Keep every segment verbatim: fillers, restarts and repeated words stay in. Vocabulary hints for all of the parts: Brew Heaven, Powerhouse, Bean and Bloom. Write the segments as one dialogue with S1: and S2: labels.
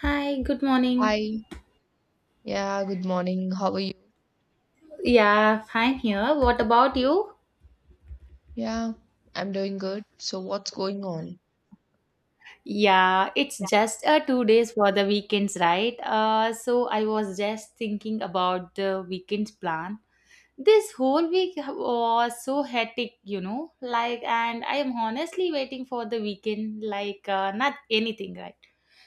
S1: Hi, good morning.
S2: Hi. Yeah, good morning. How are you?
S1: Yeah, fine here. What about you?
S2: Yeah, I'm doing good. So what's going on?
S1: Yeah, it's just uh, two days for the weekends, right? Uh, so I was just thinking about the weekend's plan. This whole week was so hectic, you know, like, and I am honestly waiting for the weekend, like, uh, not anything, right?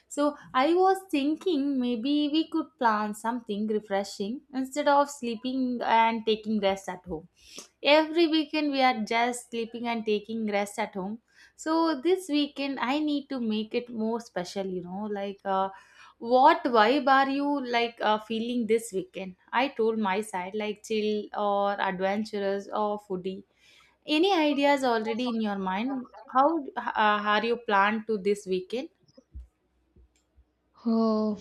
S1: So I was thinking maybe we could plan something refreshing instead of sleeping and taking rest at home. Every weekend we are just sleeping and taking rest at home. So this weekend I need to make it more special, you know, like uh, what vibe are you like uh, feeling this weekend? I told my side like chill or adventurous or foodie. Any ideas already in your mind how uh, are you planned to this weekend?
S2: Oh,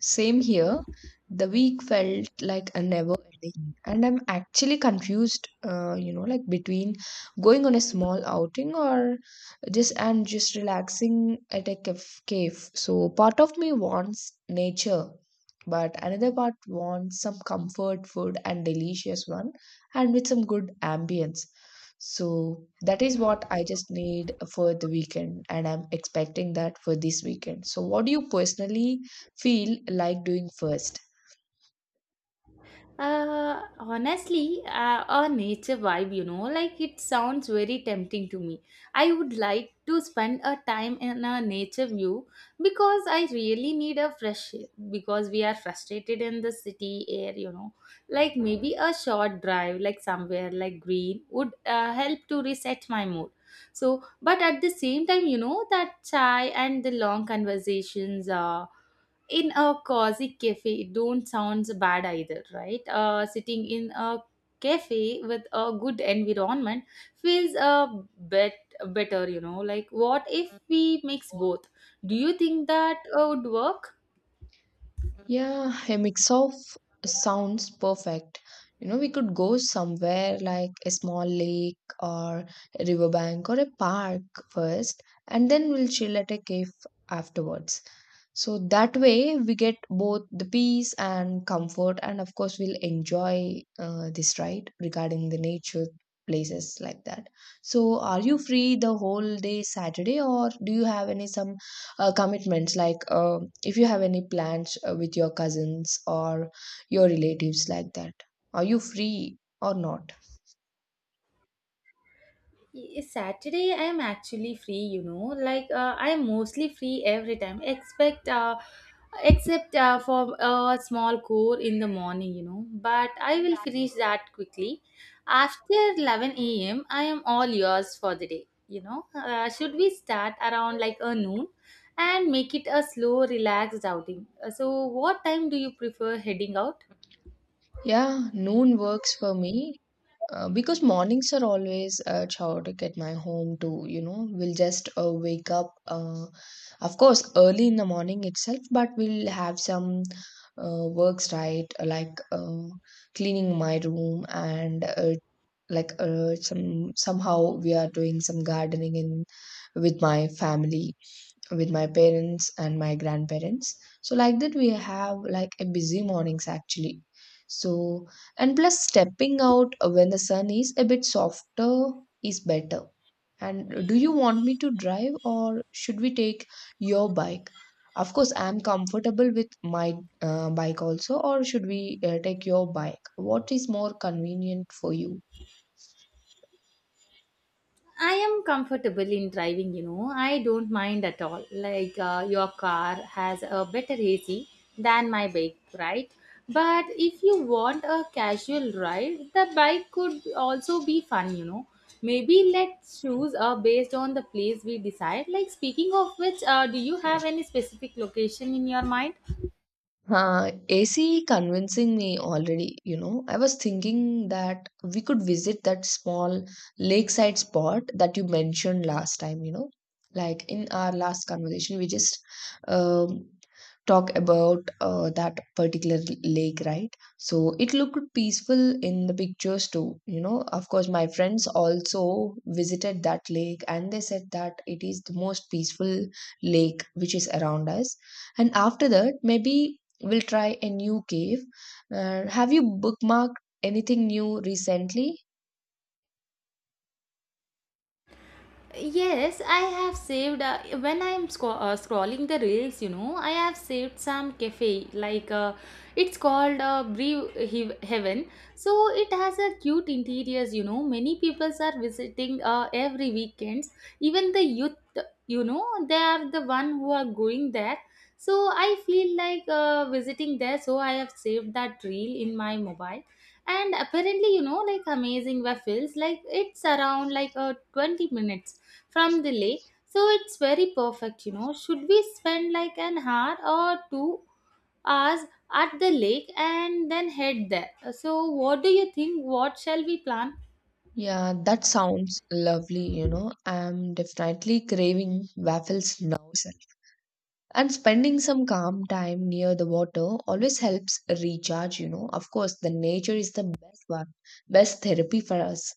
S2: same here. The week felt like a never ending, and I'm actually confused, uh, you know, like between going on a small outing or just and just relaxing at a caf- cave. So part of me wants nature, but another part wants some comfort food and delicious one, and with some good ambience. So that is what I just need for the weekend, and I'm expecting that for this weekend. So what do you personally feel like doing first?
S1: Uh, honestly, uh, a nature vibe, you know, like it sounds very tempting to me. I would like to spend a time in a nature view because I really need a fresh air because we are frustrated in the city air, you know. Like maybe a short drive, like somewhere like green, would uh, help to reset my mood. So, but at the same time, you know, that chai and the long conversations, uh, in a cozy cafe it don't sounds bad either, right? Uh, sitting in a cafe with a good environment feels a bit better, you know, like what if we mix both? Do you think that uh, would work?
S2: Yeah, a mix of sounds perfect. You know, we could go somewhere like a small lake or a riverbank or a park first, and then we'll chill at a cave afterwards. So that way we get both the peace and comfort, and of course we'll enjoy uh, this right regarding the nature places like that. So are you free the whole day Saturday, or do you have any some uh, commitments? Like uh, if you have any plans uh, with your cousins or your relatives like that, are you free or not?
S1: Y- Saturday, I'm actually free, you know. Like, uh, I'm mostly free every time, expect, uh, except uh, for a small core in the morning, you know. But I will finish that quickly. After eleven a m, I am all yours for the day, you know. Uh, should we start around like a noon and make it a slow, relaxed outing? Uh, So, what time do you prefer heading out?
S2: Yeah, noon works for me. Uh, because mornings are always uh, chaotic at my home too, you know. We'll just uh, wake up, uh, of course, early in the morning itself, but we'll have some uh, works, right? Like uh, cleaning my room, and uh, like uh, some somehow we are doing some gardening in with my family, with my parents and my grandparents. So like that, we have like a busy mornings actually. So and plus, stepping out uh, when the sun is a bit softer is better. And do you want me to drive, or should we take your bike? Of course, I am comfortable with my uh, bike also, or should we uh, take your bike? What is more convenient for you?
S1: I am comfortable in driving, you know. I don't mind at all. Like uh, your car has a better A C than my bike, right? But if you want a casual ride, the bike could also be fun, you know. Maybe let's choose uh, based on the place we decide. Like speaking of which, uh, do you have any specific location in your mind?
S2: Uh, A C convincing me already, you know. I was thinking that we could visit that small lakeside spot that you mentioned last time, you know. Like in our last conversation, we just um, talk about uh, that particular lake, right? So it looked peaceful in the pictures too, you know. Of course, my friends also visited that lake and they said that it is the most peaceful lake which is around us. And after that, maybe we'll try a new cave. Uh, have you bookmarked anything new recently?
S1: Yes, I have saved uh, when I'm sco- uh, scrolling the reels, you know, I have saved some cafe like uh, it's called uh, Brew Hev- Heaven. So it has a cute interiors, you know. Many people are visiting uh, every weekends. Even the youth, you know, they are the one who are going there. So I feel like uh, visiting there. So I have saved that reel in my mobile, and apparently, you know, like amazing waffles, like it's around like uh, twenty minutes from the lake. So it's very perfect, you know. Should we spend like an hour or two hours at the lake and then head there? So, what do you think? What shall we plan?
S2: Yeah, that sounds lovely, you know. I'm definitely craving waffles now, sir. And spending some calm time near the water always helps recharge, you know. Of course, the nature is the best one, best therapy for us.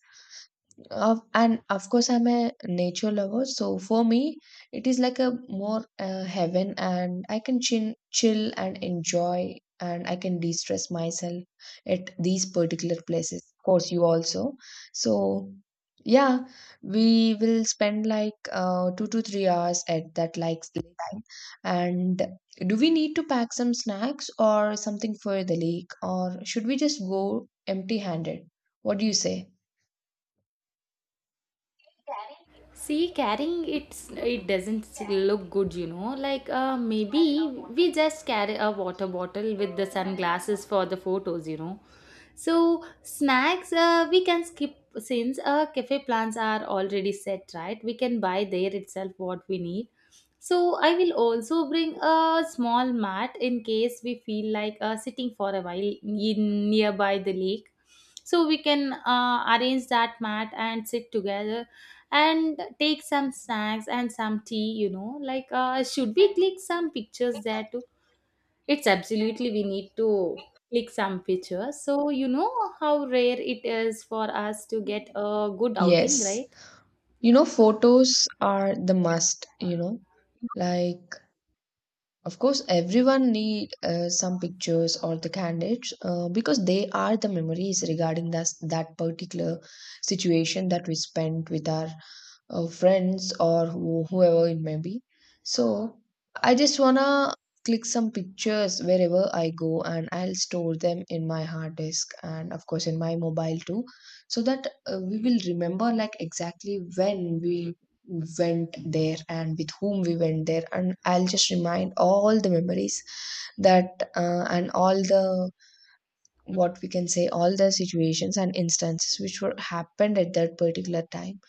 S2: Of and of course, I'm a nature lover, so for me, it is like a more uh, heaven, and I can chin, chill and enjoy, and I can de-stress myself at these particular places. Of course, you also. So, yeah, we will spend like uh, two to three hours at that like lake time. And do we need to pack some snacks or something for the lake, or should we just go empty-handed? What do you say? Carrying it is
S1: See,
S2: very good.
S1: carrying it's it doesn't look good, you know. Like uh,
S2: Don't carry a
S1: maybe
S2: water
S1: we
S2: bottle
S1: just
S2: with you.
S1: carry a water bottle with the sunglasses for the photos, you know. So snacks uh, we can skip since uh, cafe plans are already set, right? We can buy there itself what we need. So I will also bring a small mat in case we feel like uh, sitting for a while in nearby the lake. So we can uh, arrange that mat and sit together and take some snacks and some tea, you know, like uh, should we click some
S2: Pick
S1: pictures
S2: that
S1: there too? It's absolutely we need
S2: water.
S1: to click some pictures, so you know how rare it is for us to get a good outing,
S2: Yes.
S1: right?
S2: You know, photos are the must, you know. Like, of course, everyone need uh, some pictures or the candidates uh, because they are the memories regarding that that particular situation that we spent with our uh, friends or who, whoever it may be. So I just wanna click some pictures wherever I go, and I'll store them in my hard disk and of course in my mobile too, so that uh, we will remember like exactly when we went there and with whom we went there, and I'll just remind all the memories that uh, and all the, what we can say, all the situations and instances which were happened at that particular time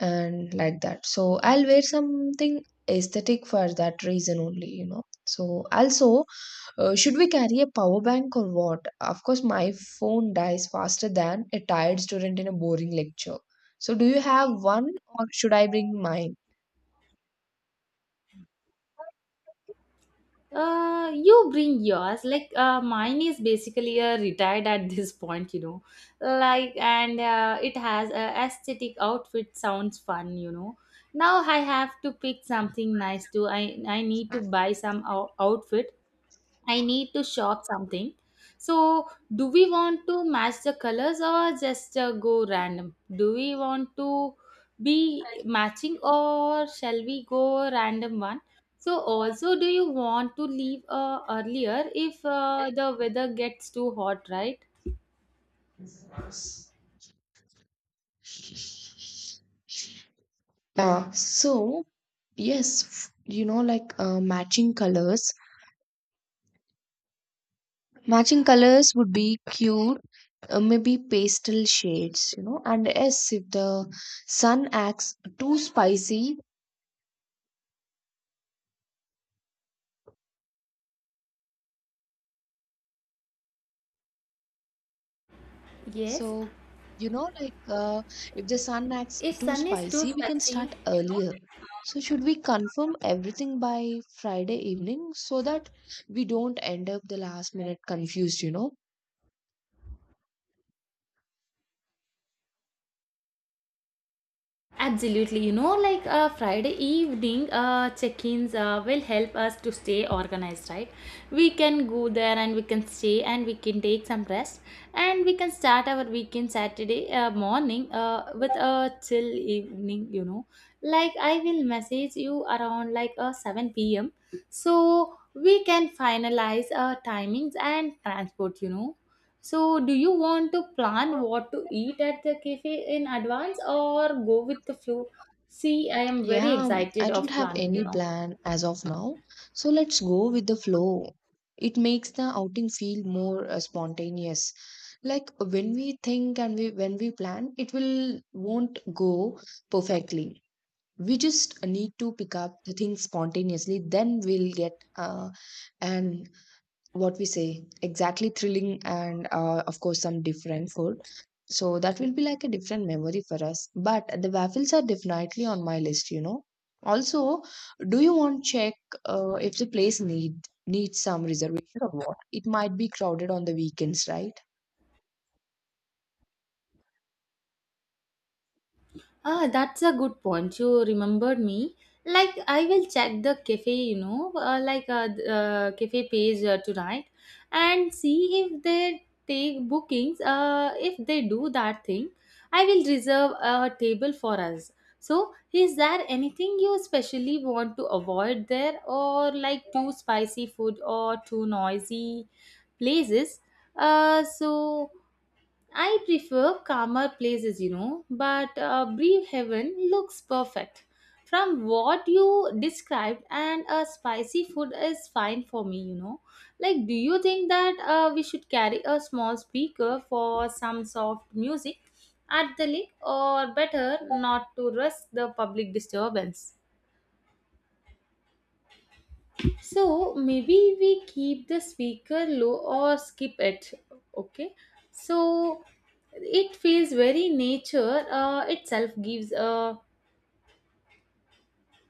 S2: and like that. So I'll wear something aesthetic for that reason only, you know. So also, uh, should we carry a power bank or what? Of course, my phone dies faster than a tired student in a boring lecture. So do you have one, or should I bring mine?
S1: uh You bring yours. Like uh, mine is basically uh, retired at this point, you know. Like and uh, it has a aesthetic outfit sounds fun, you know. Now I have to pick something nice too. I i need to buy some out- outfit. I need to shop something. So, do we want to match the colors or just uh, go random? Do we want to be matching or shall we go random one? So, also, do you want to leave uh, earlier if uh, the weather gets too hot, right?
S2: Yeah. So yes, f- you know, like uh, matching colors, matching colors would be cute, uh, maybe pastel shades, you know. And yes, if the sun acts too spicy,
S1: Yes,
S2: so you know, like uh, if the sun acts
S1: if
S2: too
S1: sun is too
S2: spicy, we can
S1: spicy.
S2: start earlier. So, should we confirm everything by Friday evening so that we don't end up the last minute confused, you know?
S1: Absolutely, you know, like uh, Friday evening uh, check ins uh, will help us to stay organized, right? We can go there and we can stay and we can take some rest and we can start our weekend Saturday uh, morning uh, with a chill evening, you know. Like, I will message you around like uh, seven p m so we can finalize our timings and transport, you know. So, do you want to plan what to eat at the cafe in advance or go with the flow? See, I am very
S2: Yeah, um,
S1: excited
S2: I don't
S1: of
S2: have
S1: planning, you
S2: any
S1: know.
S2: plan as of now. So let's go with the flow. It makes the outing feel more uh, spontaneous. Like when we think, and we when we plan, it will won't go perfectly. We just need to pick up the things spontaneously. Then we'll get uh, an, what we say, exactly thrilling, and uh, of course some different food, so that will be like a different memory for us. But the waffles are definitely on my list, you know. Also, do you want check uh, if the place need needs some reservation, or what? It might be crowded on the weekends, right?
S1: Ah, that's a good point. You remembered me. Like, I will check the cafe, you know, uh, like uh, th- uh, cafe page uh, tonight and see if they take bookings. Uh, if they do that thing, I will reserve a table for us. So, is there anything you especially want to avoid there, or like too spicy food or too noisy places? Uh, so. I prefer calmer places, you know, but uh, Brief Heaven looks perfect. From what you described, and a spicy food is fine for me, you know. Like, do you think that uh, we should carry a small speaker for some soft music at the lake, or better not to risk the public disturbance? So maybe we keep the speaker low or skip it. Okay. So it feels very nature uh, itself gives a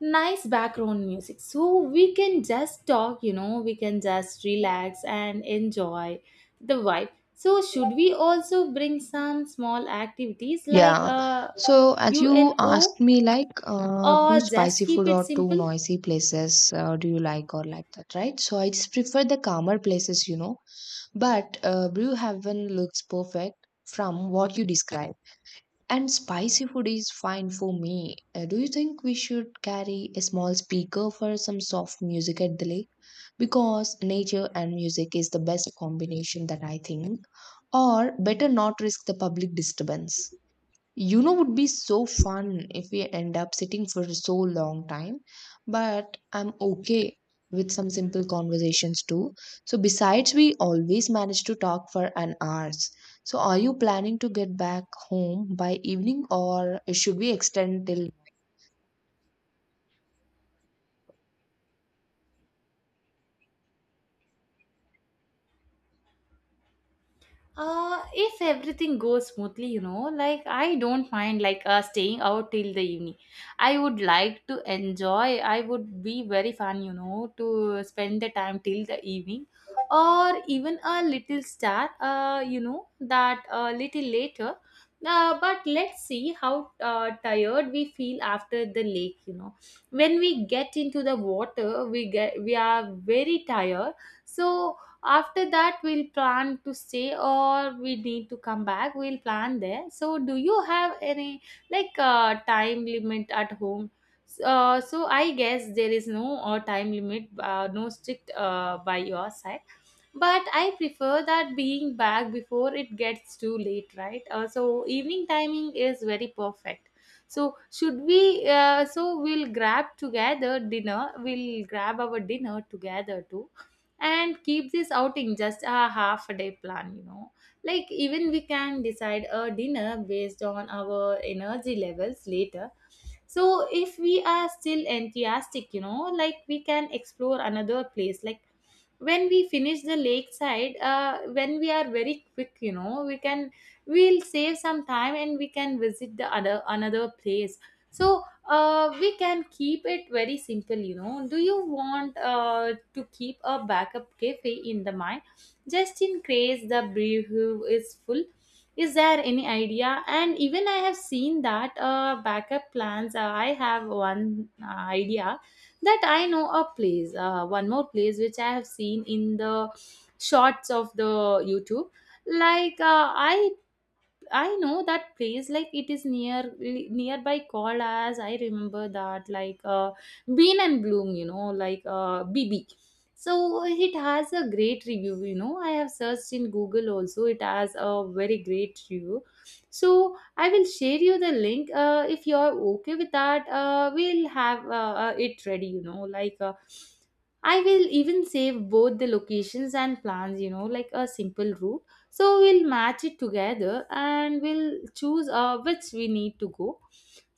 S1: nice background music. So we can just talk, you know, we can just relax and enjoy the vibe. So should we also bring some small activities like
S2: Yeah,
S1: uh,
S2: so as you
S1: UNO
S2: asked me like uh, too
S1: or just
S2: spicy
S1: keep
S2: food
S1: it
S2: or too
S1: simple?
S2: noisy places, uh, do you like or like that, right? So I just prefer the calmer places, you know. But uh, Brew Haven looks perfect from what you describe. And spicy food is fine for me. Uh, do you think we should carry a small speaker for some soft music at the lake? Because nature and music is the best combination that I think. Or better not risk the public disturbance. You know, would be so fun if we end up sitting for so long time, but I'm okay with some simple conversations too. So besides, we always manage to talk for an hours. So are you planning to get back home by evening, or should we extend till?
S1: Uh, if everything goes smoothly, you know, like I don't mind like uh, staying out till the evening. I would like to enjoy. I would be very fun, you know, to spend the time till the evening, or even a little start. Uh, you know that a little later. Uh, but let's see how uh, tired we feel after the lake. You know, when we get into the water, we get we are very tired. So after that we'll plan to stay or we need to come back, we'll plan there. So do you have any like uh, time limit at home? S- uh, so I guess there is no uh, time limit, uh, no strict uh, by your side, but I prefer that being back before it gets too late, right? Uh, so evening timing is very perfect. So should we uh, so we'll grab together dinner we'll grab our dinner together too and keep this outing just a half a day plan, you know. Like even we can decide a dinner based on our energy levels later. So if we are still enthusiastic, you know, like we can explore another place. Like when we finish the lakeside, uh, when we are very quick, you know, we can, we'll save some time and we can visit the other another place. So uh, we can keep it very simple, you know. Do you want uh, to keep a backup cafe in the mind just in case the brew is full? Is there any idea? And even I have seen that uh, backup plans. Uh, I have one uh, idea that I know a place, uh, one more place which I have seen in the shorts of the YouTube. Like uh, I I know that place. Like it is near nearby called as I remember that like uh, Bean and Bloom, you know, like uh, B B. So it has a great review, you know, I have searched in Google also, it has a very great review. So I will share you the link. Uh, if you are okay with that, uh, we'll have uh, uh, it ready, you know. like uh, I will even save both the locations and plans, you know, like a simple route. So we'll match it together and we'll choose uh, which we need to go.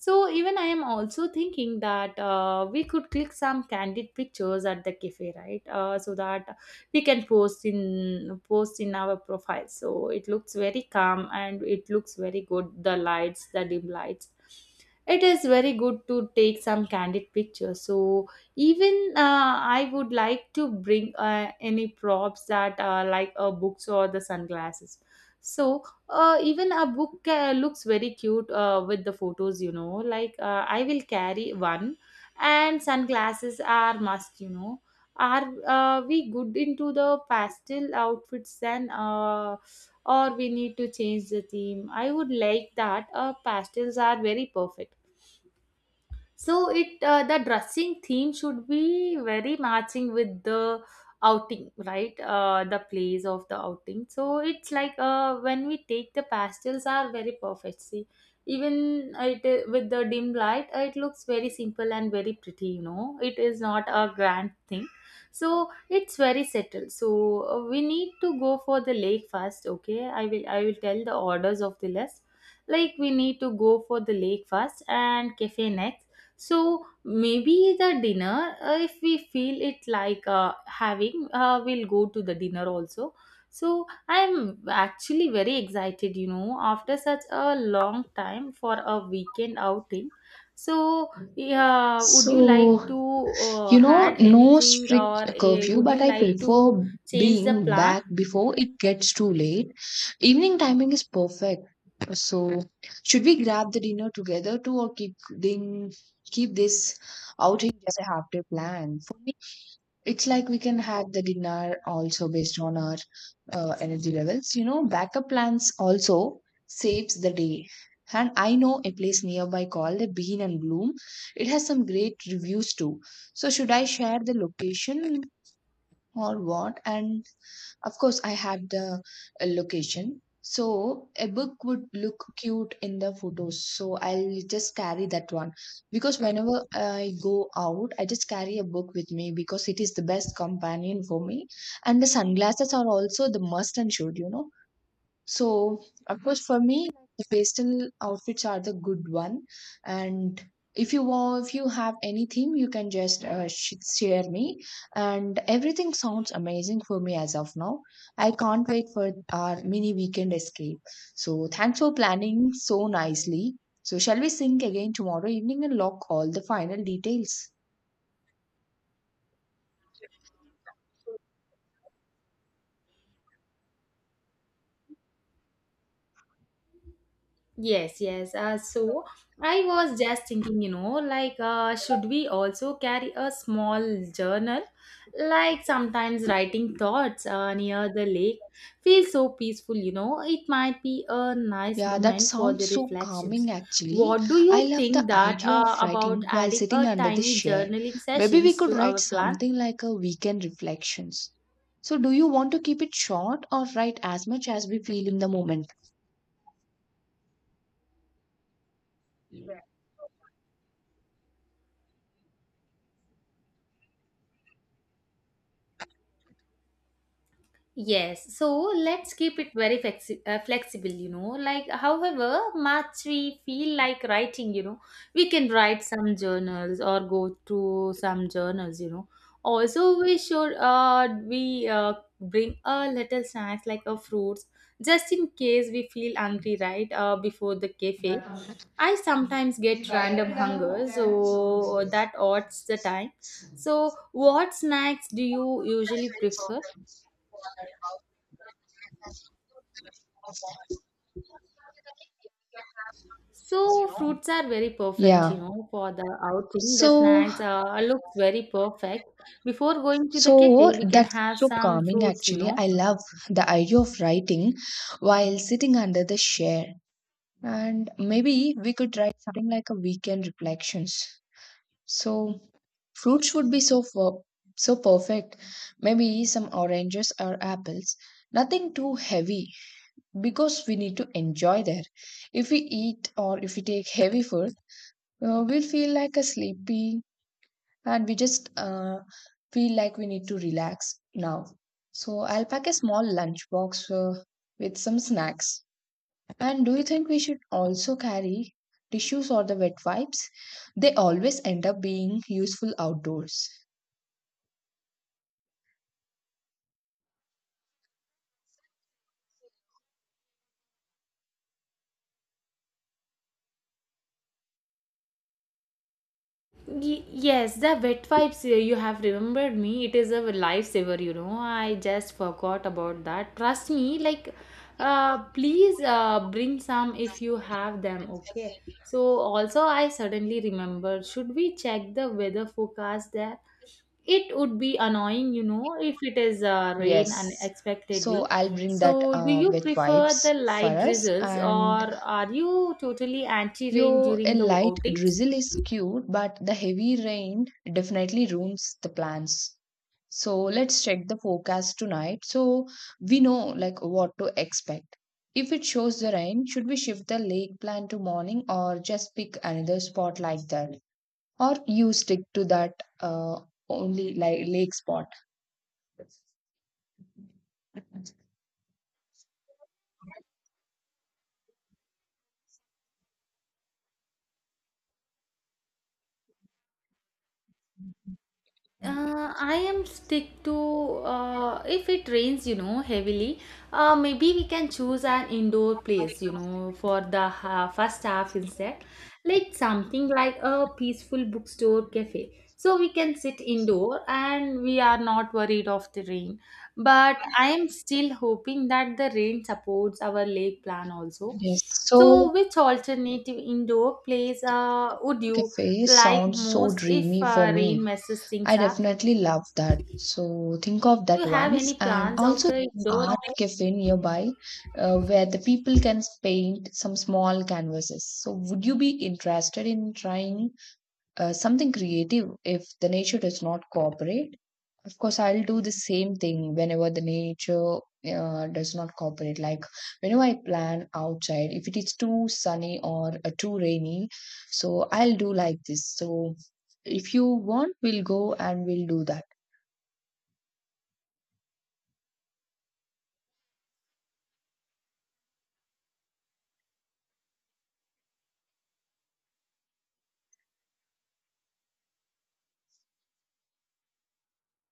S1: So even I am also thinking that uh, we could click some candid pictures at the cafe, right? Uh, so that we can post in post in our profile, so it looks very calm and it looks very good, the lights, the dim lights, it is very good to take some candid pictures. So even uh, I would like to bring uh, any props that are like uh, books or the sunglasses. So uh, even a book uh, looks very cute uh, with the photos, you know. Like uh, I will carry one, and sunglasses are must, you know. Are uh, we good into the pastel outfits then, uh, or we need to change the theme? I would like that. Uh, pastels are very perfect, so it uh, the dressing theme should be very matching with the outing, right? Uh, the place of the outing. So it's like, uh, when we take, the pastels are very perfect. See, even uh, it uh, with the dim light, uh, it looks very simple and very pretty. You know, it is not a grand thing. So it's very settled. So uh, we need to go for the lake first. Okay, I will I will tell the orders of the list. Like, we need to go for the lake first and cafe next, so maybe the dinner, uh, if we feel it like uh, having uh, we'll go to the dinner also. So I'm actually very excited, you know, after such a long time for a weekend outing. So yeah, would you like to
S2: So
S1: uh,
S2: you know,
S1: add
S2: no
S1: anything,
S2: strict
S1: or uh,
S2: curfew,
S1: would
S2: but
S1: you
S2: I
S1: like
S2: prefer
S1: to change the
S2: being
S1: plan?
S2: back before it gets too late. Evening timing is perfect. So, should we grab the dinner together too, or keep, keep this outing as a half day plan? For me, it's like we can have the dinner also based on our uh, energy levels. You know, backup plans also saves the day. And I know a place nearby called the Bean and Bloom. It has some great reviews too. So should I share the location or what? And of course, I had the uh, location. So a book would look cute in the photos. So I'll just carry that one because whenever I go out, I just carry a book with me because it is the best companion for me. And the sunglasses are also the must and should, you know. So, of course, for me, the pastel outfits are the good one. And if you want, if you have any theme, you can just uh, sh- share me. And everything sounds amazing for me as of now. I can't wait for our mini weekend escape. So, thanks for planning so nicely. So, shall we sync again tomorrow evening and lock all the final details?
S1: Yes, yes. Uh, so I was just thinking, you know, like, uh, should we also carry a small journal? Like, sometimes writing thoughts uh, near the lake feels so peaceful, you know. It might be a nice
S2: Yeah, that
S1: moment for the
S2: sounds so
S1: reflections.
S2: calming actually.
S1: What do
S2: I
S1: you
S2: love the
S1: think that
S2: idea of
S1: uh, about
S2: writing while
S1: adding
S2: sitting
S1: a
S2: under the
S1: tiny
S2: shade.
S1: journaling
S2: Maybe we
S1: sessions
S2: could
S1: to
S2: write
S1: our plan?
S2: something like a weekend reflections. So, do you want to keep it short or write as much as we feel in the moment?
S1: Yes, so let's keep it very flexi- uh, flexible, you know. Like, however much we feel like writing, you know, we can write some journals or go to some journals, you know. Also, we should uh, we uh, bring a little snacks like a fruits, just in case we feel hungry, right? Uh, before the cafe, I sometimes get random hunger, so that odds the time. So, what snacks do you usually prefer? So fruits are very perfect, you
S2: Yeah.
S1: know, for the outing. The
S2: So,
S1: snacks uh, looks very perfect. Before going to the
S2: so
S1: cafe, we can
S2: that's
S1: have
S2: so
S1: some
S2: calming
S1: fruits, you
S2: actually. I
S1: know.
S2: love the idea of writing while sitting under the share. And maybe we could write something like a weekend reflections. So fruits would be so fo- so perfect. Maybe some oranges or apples. Nothing too heavy because we need to enjoy there. If we eat or if we take heavy food, uh, we'll feel like a sleepy, and we just uh, feel like we need to relax now. So I'll pack a small lunchbox uh, with some snacks. And do you think we should also carry tissues or the wet wipes? They always end up being useful outdoors.
S1: Y- yes, the wet wipes, uh, you have remembered me. It is a lifesaver, you know. I just forgot about that. Trust me, like, uh, please uh, bring some if you have them, okay? So, also, I suddenly remembered, should we check the weather forecast there? It would be annoying, you know, if it is uh, rain
S2: Yes.
S1: unexpectedly.
S2: So I'll bring
S1: So
S2: that
S1: do
S2: uh,
S1: you
S2: wet
S1: prefer
S2: wipes
S1: the
S2: for
S1: light
S2: us.
S1: drizzles, or
S2: And
S1: are you totally anti rain
S2: yo, a
S1: during the
S2: light
S1: outings?
S2: drizzle is cute, but the heavy rain definitely ruins the plans. So let's check the forecast tonight so we know like what to expect. If it shows the rain, should we shift the lake plan to morning or just pick another spot like that? Or you stick to that uh, only like lake spot?
S1: Uh, I am stick to, uh, if it rains, you know, heavily. Uh, maybe we can choose an indoor place, you know, for the ha first half instead, like something like a peaceful bookstore cafe. So we can sit indoor and we are not worried of the rain. But I am still hoping that the rain supports our lake plan also.
S2: Yes. So
S1: So, which alternative indoor place uh, would you
S2: cafe
S1: like
S2: sounds so
S1: most if
S2: dreamy for
S1: uh, rain
S2: me.
S1: messes things
S2: I
S1: up?
S2: definitely love that. So think of
S1: Do you
S2: that
S1: have
S2: once.
S1: any
S2: And
S1: plans of
S2: also
S1: the
S2: there's
S1: indoor?
S2: art cafe nearby uh, where the people can paint some small canvases. So would you be interested in trying uh, something creative if the nature does not cooperate? Of course, I'll do the same thing whenever the nature uh, does not cooperate. Like whenever I plan outside, if it is too sunny or uh, too rainy, so I'll do like this. So if you want, we'll go and we'll do that.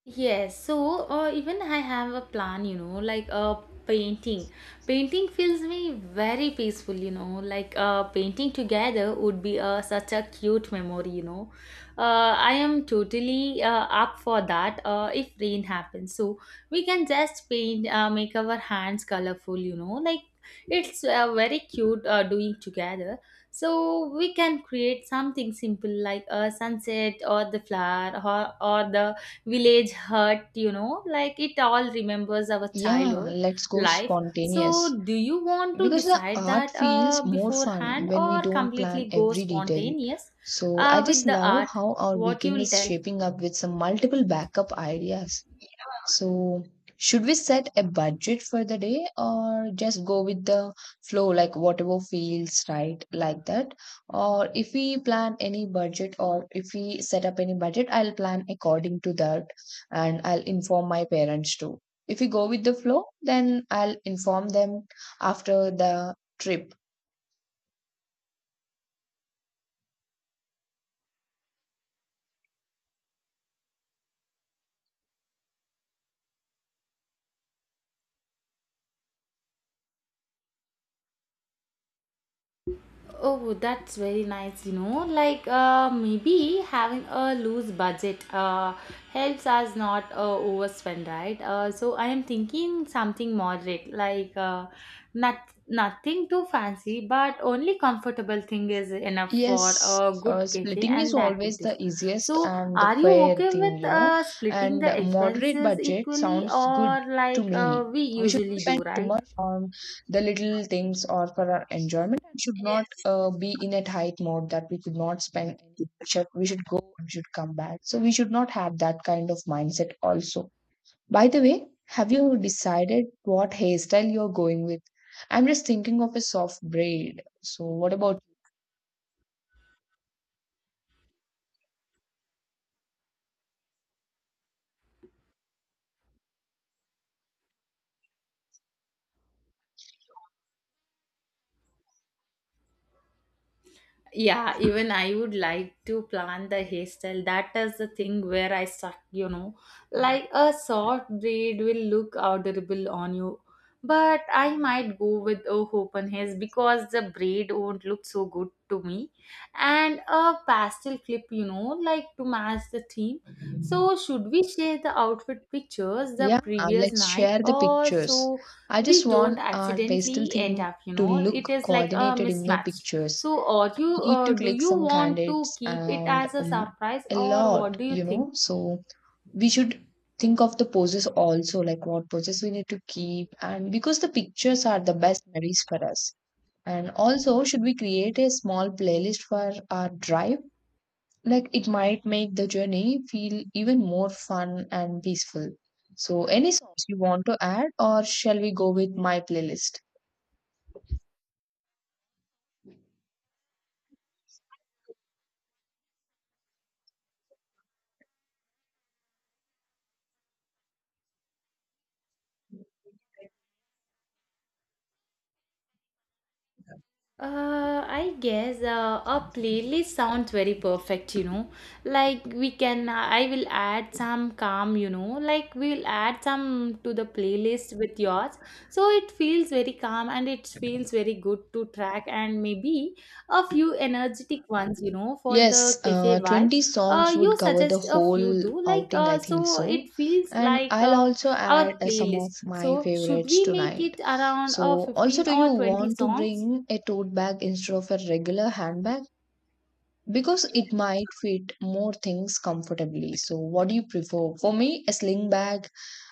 S1: Yes, so uh, even I have a plan, you know, like, uh, painting. Painting feels me very peaceful, you know, like, uh, painting together would be uh, such a cute memory, you know. Uh, I am totally uh, up for that uh, if rain happens. So we can just paint, uh, make our hands colorful, you know, like, it's uh, very cute uh, doing together. So we can create something simple like a sunset or the flower, or, or the village hut, you know, like it all remembers our
S2: Yeah,
S1: childhood
S2: let's go
S1: life. So
S2: spontaneous
S1: do you want to
S2: because the
S1: decide
S2: art
S1: that
S2: feels
S1: uh,
S2: more fun
S1: beforehand
S2: when we
S1: or
S2: don't plan
S1: completely go
S2: every detail.
S1: spontaneous
S2: So I
S1: uh, with
S2: just
S1: the
S2: love
S1: art?
S2: how our
S1: What you
S2: weekend
S1: will
S2: is
S1: tell?
S2: shaping up with some multiple backup ideas. So, should we set a budget for the day or just go with the flow, like whatever feels right, like that? Or if we plan any budget or if we set up any budget, I'll plan according to that and I'll inform my parents too. If we go with the flow, then I'll inform them after the trip.
S1: Oh, that's very nice, you know. Like, uh, maybe having a loose budget uh, helps us not uh, overspend, right? Uh, so, I am thinking something moderate, like, uh, not, nothing too fancy, but only comfortable thing is enough for
S2: Yes,
S1: a good
S2: uh,
S1: cafe
S2: splitting
S1: and
S2: is
S1: the
S2: always
S1: activities.
S2: the easiest
S1: So,
S2: and the
S1: are you
S2: fair
S1: okay
S2: thing,
S1: with
S2: you know.
S1: uh, splitting
S2: And
S1: the
S2: moderate
S1: expenses
S2: budget
S1: equally,
S2: sounds good
S1: or
S2: to
S1: like uh,
S2: me.
S1: we
S2: We should not
S1: usually do,
S2: spend too
S1: right?
S2: much on the little things or for our enjoyment and should not uh, be in a tight mode that we could not spend anything. We should, we should go and should come back. So we should not have that kind of mindset also. By the way, have you decided what hairstyle you're going with? I'm just thinking of a soft braid. So what about
S1: Yeah, even I would like to plan the hairstyle. That is the thing where I suck, you know. Like, a short braid will look adorable on you, but I might go with a open hairs because the braid won't look so good to me, and a pastel clip, you know, like to match the theme.
S2: you?
S1: So should we share the outfit pictures the
S2: Yeah, uh,
S1: previous
S2: let's
S1: night,
S2: share the
S1: or
S2: pictures.
S1: so
S2: I just
S1: we don't
S2: want our pastel
S1: accidentally end
S2: theme
S1: up, you
S2: to
S1: know, it
S2: look
S1: is like a
S2: coordinated in the
S1: mismatch.
S2: pictures.
S1: So, or
S2: We
S1: you,
S2: need
S1: uh,
S2: to
S1: do
S2: click
S1: you
S2: some
S1: want to
S2: candidates
S1: keep it
S2: and
S1: as a
S2: um,
S1: surprise,
S2: a
S1: or what
S2: lot,
S1: do you
S2: you
S1: think?
S2: know. So we should think of the poses also, like what poses we need to keep, and because the pictures are the best memories for us. And also, should we create a small playlist for our drive? Like it might make the journey feel even more fun and peaceful. So, any songs you want to add, or shall we go with my playlist?
S1: Uh, I guess uh, a playlist sounds very perfect, you know. Like we can, I will add some calm, you know, like we'll add some to the playlist with yours. So it feels very calm and it feels very good to track, and maybe a few energetic ones, you know, for the
S2: Yes,
S1: cafe
S2: uh,
S1: vibe.
S2: twenty
S1: Uh,
S2: songs
S1: you
S2: would cover the
S1: suggest a few
S2: whole
S1: too, like,
S2: outing, I
S1: uh,
S2: think
S1: so
S2: so.
S1: it feels
S2: And
S1: like
S2: I'll
S1: uh,
S2: also add
S1: our
S2: uh, some
S1: playlist.
S2: of my
S1: So should
S2: favorites
S1: we make
S2: tonight.
S1: it around uh,
S2: So, also,
S1: fifteen
S2: do
S1: or
S2: you
S1: twenty
S2: want to
S1: songs?
S2: bring a tote bag instead of a regular handbag? Because it might fit more things comfortably. So, what do you prefer? For me, a sling bag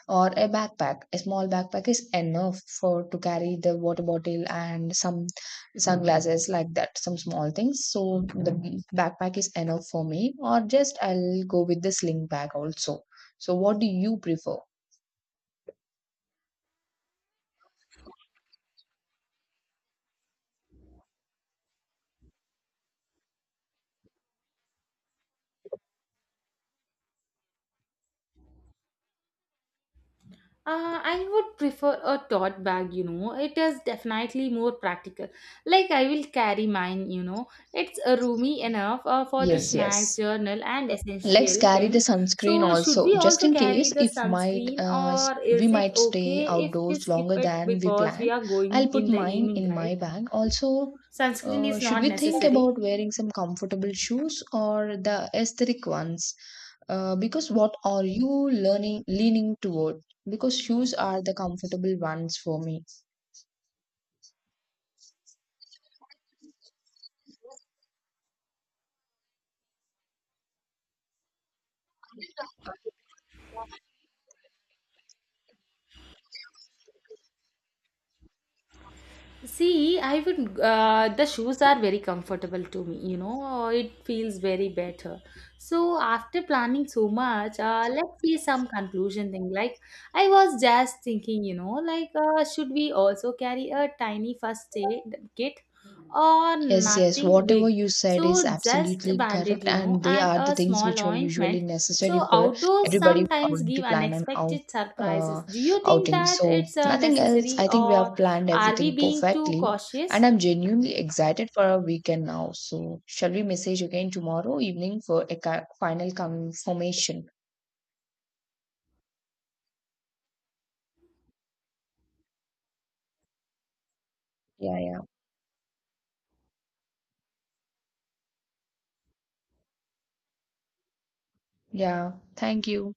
S2: or a backpack. A small backpack is enough for to carry the water bottle and some sunglasses like that, some small things. So the backpack is enough for me, or just I'll go with the sling bag also. So what do you prefer?
S1: Uh, I would prefer a tote bag, you know. It is definitely more practical. Like, I will carry mine, you know. It's uh, roomy enough uh, for the
S2: Yes,
S1: snacks,
S2: yes.
S1: journal, and
S2: Let's
S1: essential
S2: carry the
S1: things.
S2: sunscreen
S1: So, should
S2: also,
S1: we
S2: just
S1: also
S2: in
S1: carry
S2: case
S1: the
S2: if might
S1: sunscreen,
S2: uh, s-
S1: or
S2: we
S1: is it
S2: might
S1: okay
S2: stay
S1: if we
S2: outdoors
S1: skip
S2: longer
S1: it
S2: than we
S1: because we
S2: plan.
S1: are
S2: I'll
S1: going
S2: put
S1: in the
S2: mine
S1: evening,
S2: in
S1: right?
S2: my bag. Also,
S1: Sunscreen
S2: uh,
S1: is
S2: should
S1: not
S2: we think
S1: necessary.
S2: about wearing some comfortable shoes or the aesthetic ones? Uh, because what are you learning leaning toward? Because shoes are the comfortable ones for me.
S1: See, I would. Uh, the shoes are very comfortable to me. You know, it feels very better. So after planning so much, uh, let's see some conclusion thing. Like, I was just thinking, you know, like, uh, should we also carry a tiny first aid kit, or
S2: Yes, yes,
S1: nothing
S2: whatever
S1: big?
S2: you said is
S1: So just a
S2: absolutely
S1: bandage,
S2: correct,
S1: you know,
S2: and they
S1: and
S2: are the
S1: a
S2: things
S1: small
S2: which are usually
S1: ointment.
S2: necessary
S1: So
S2: for
S1: outdoors
S2: everybody who are
S1: sometimes
S2: going
S1: give
S2: to plan an out
S1: unexpected surprises.
S2: uh,
S1: Do you think
S2: outing.
S1: that
S2: So
S1: it's uh,
S2: nothing else.
S1: necessary,
S2: I think we
S1: or?
S2: have planned
S1: Are we
S2: everything
S1: being too
S2: perfectly, and
S1: cautious?
S2: I'm genuinely excited for our weekend now. So shall we message again tomorrow evening for a ca- final confirmation? Yeah, yeah, yeah. Thank you.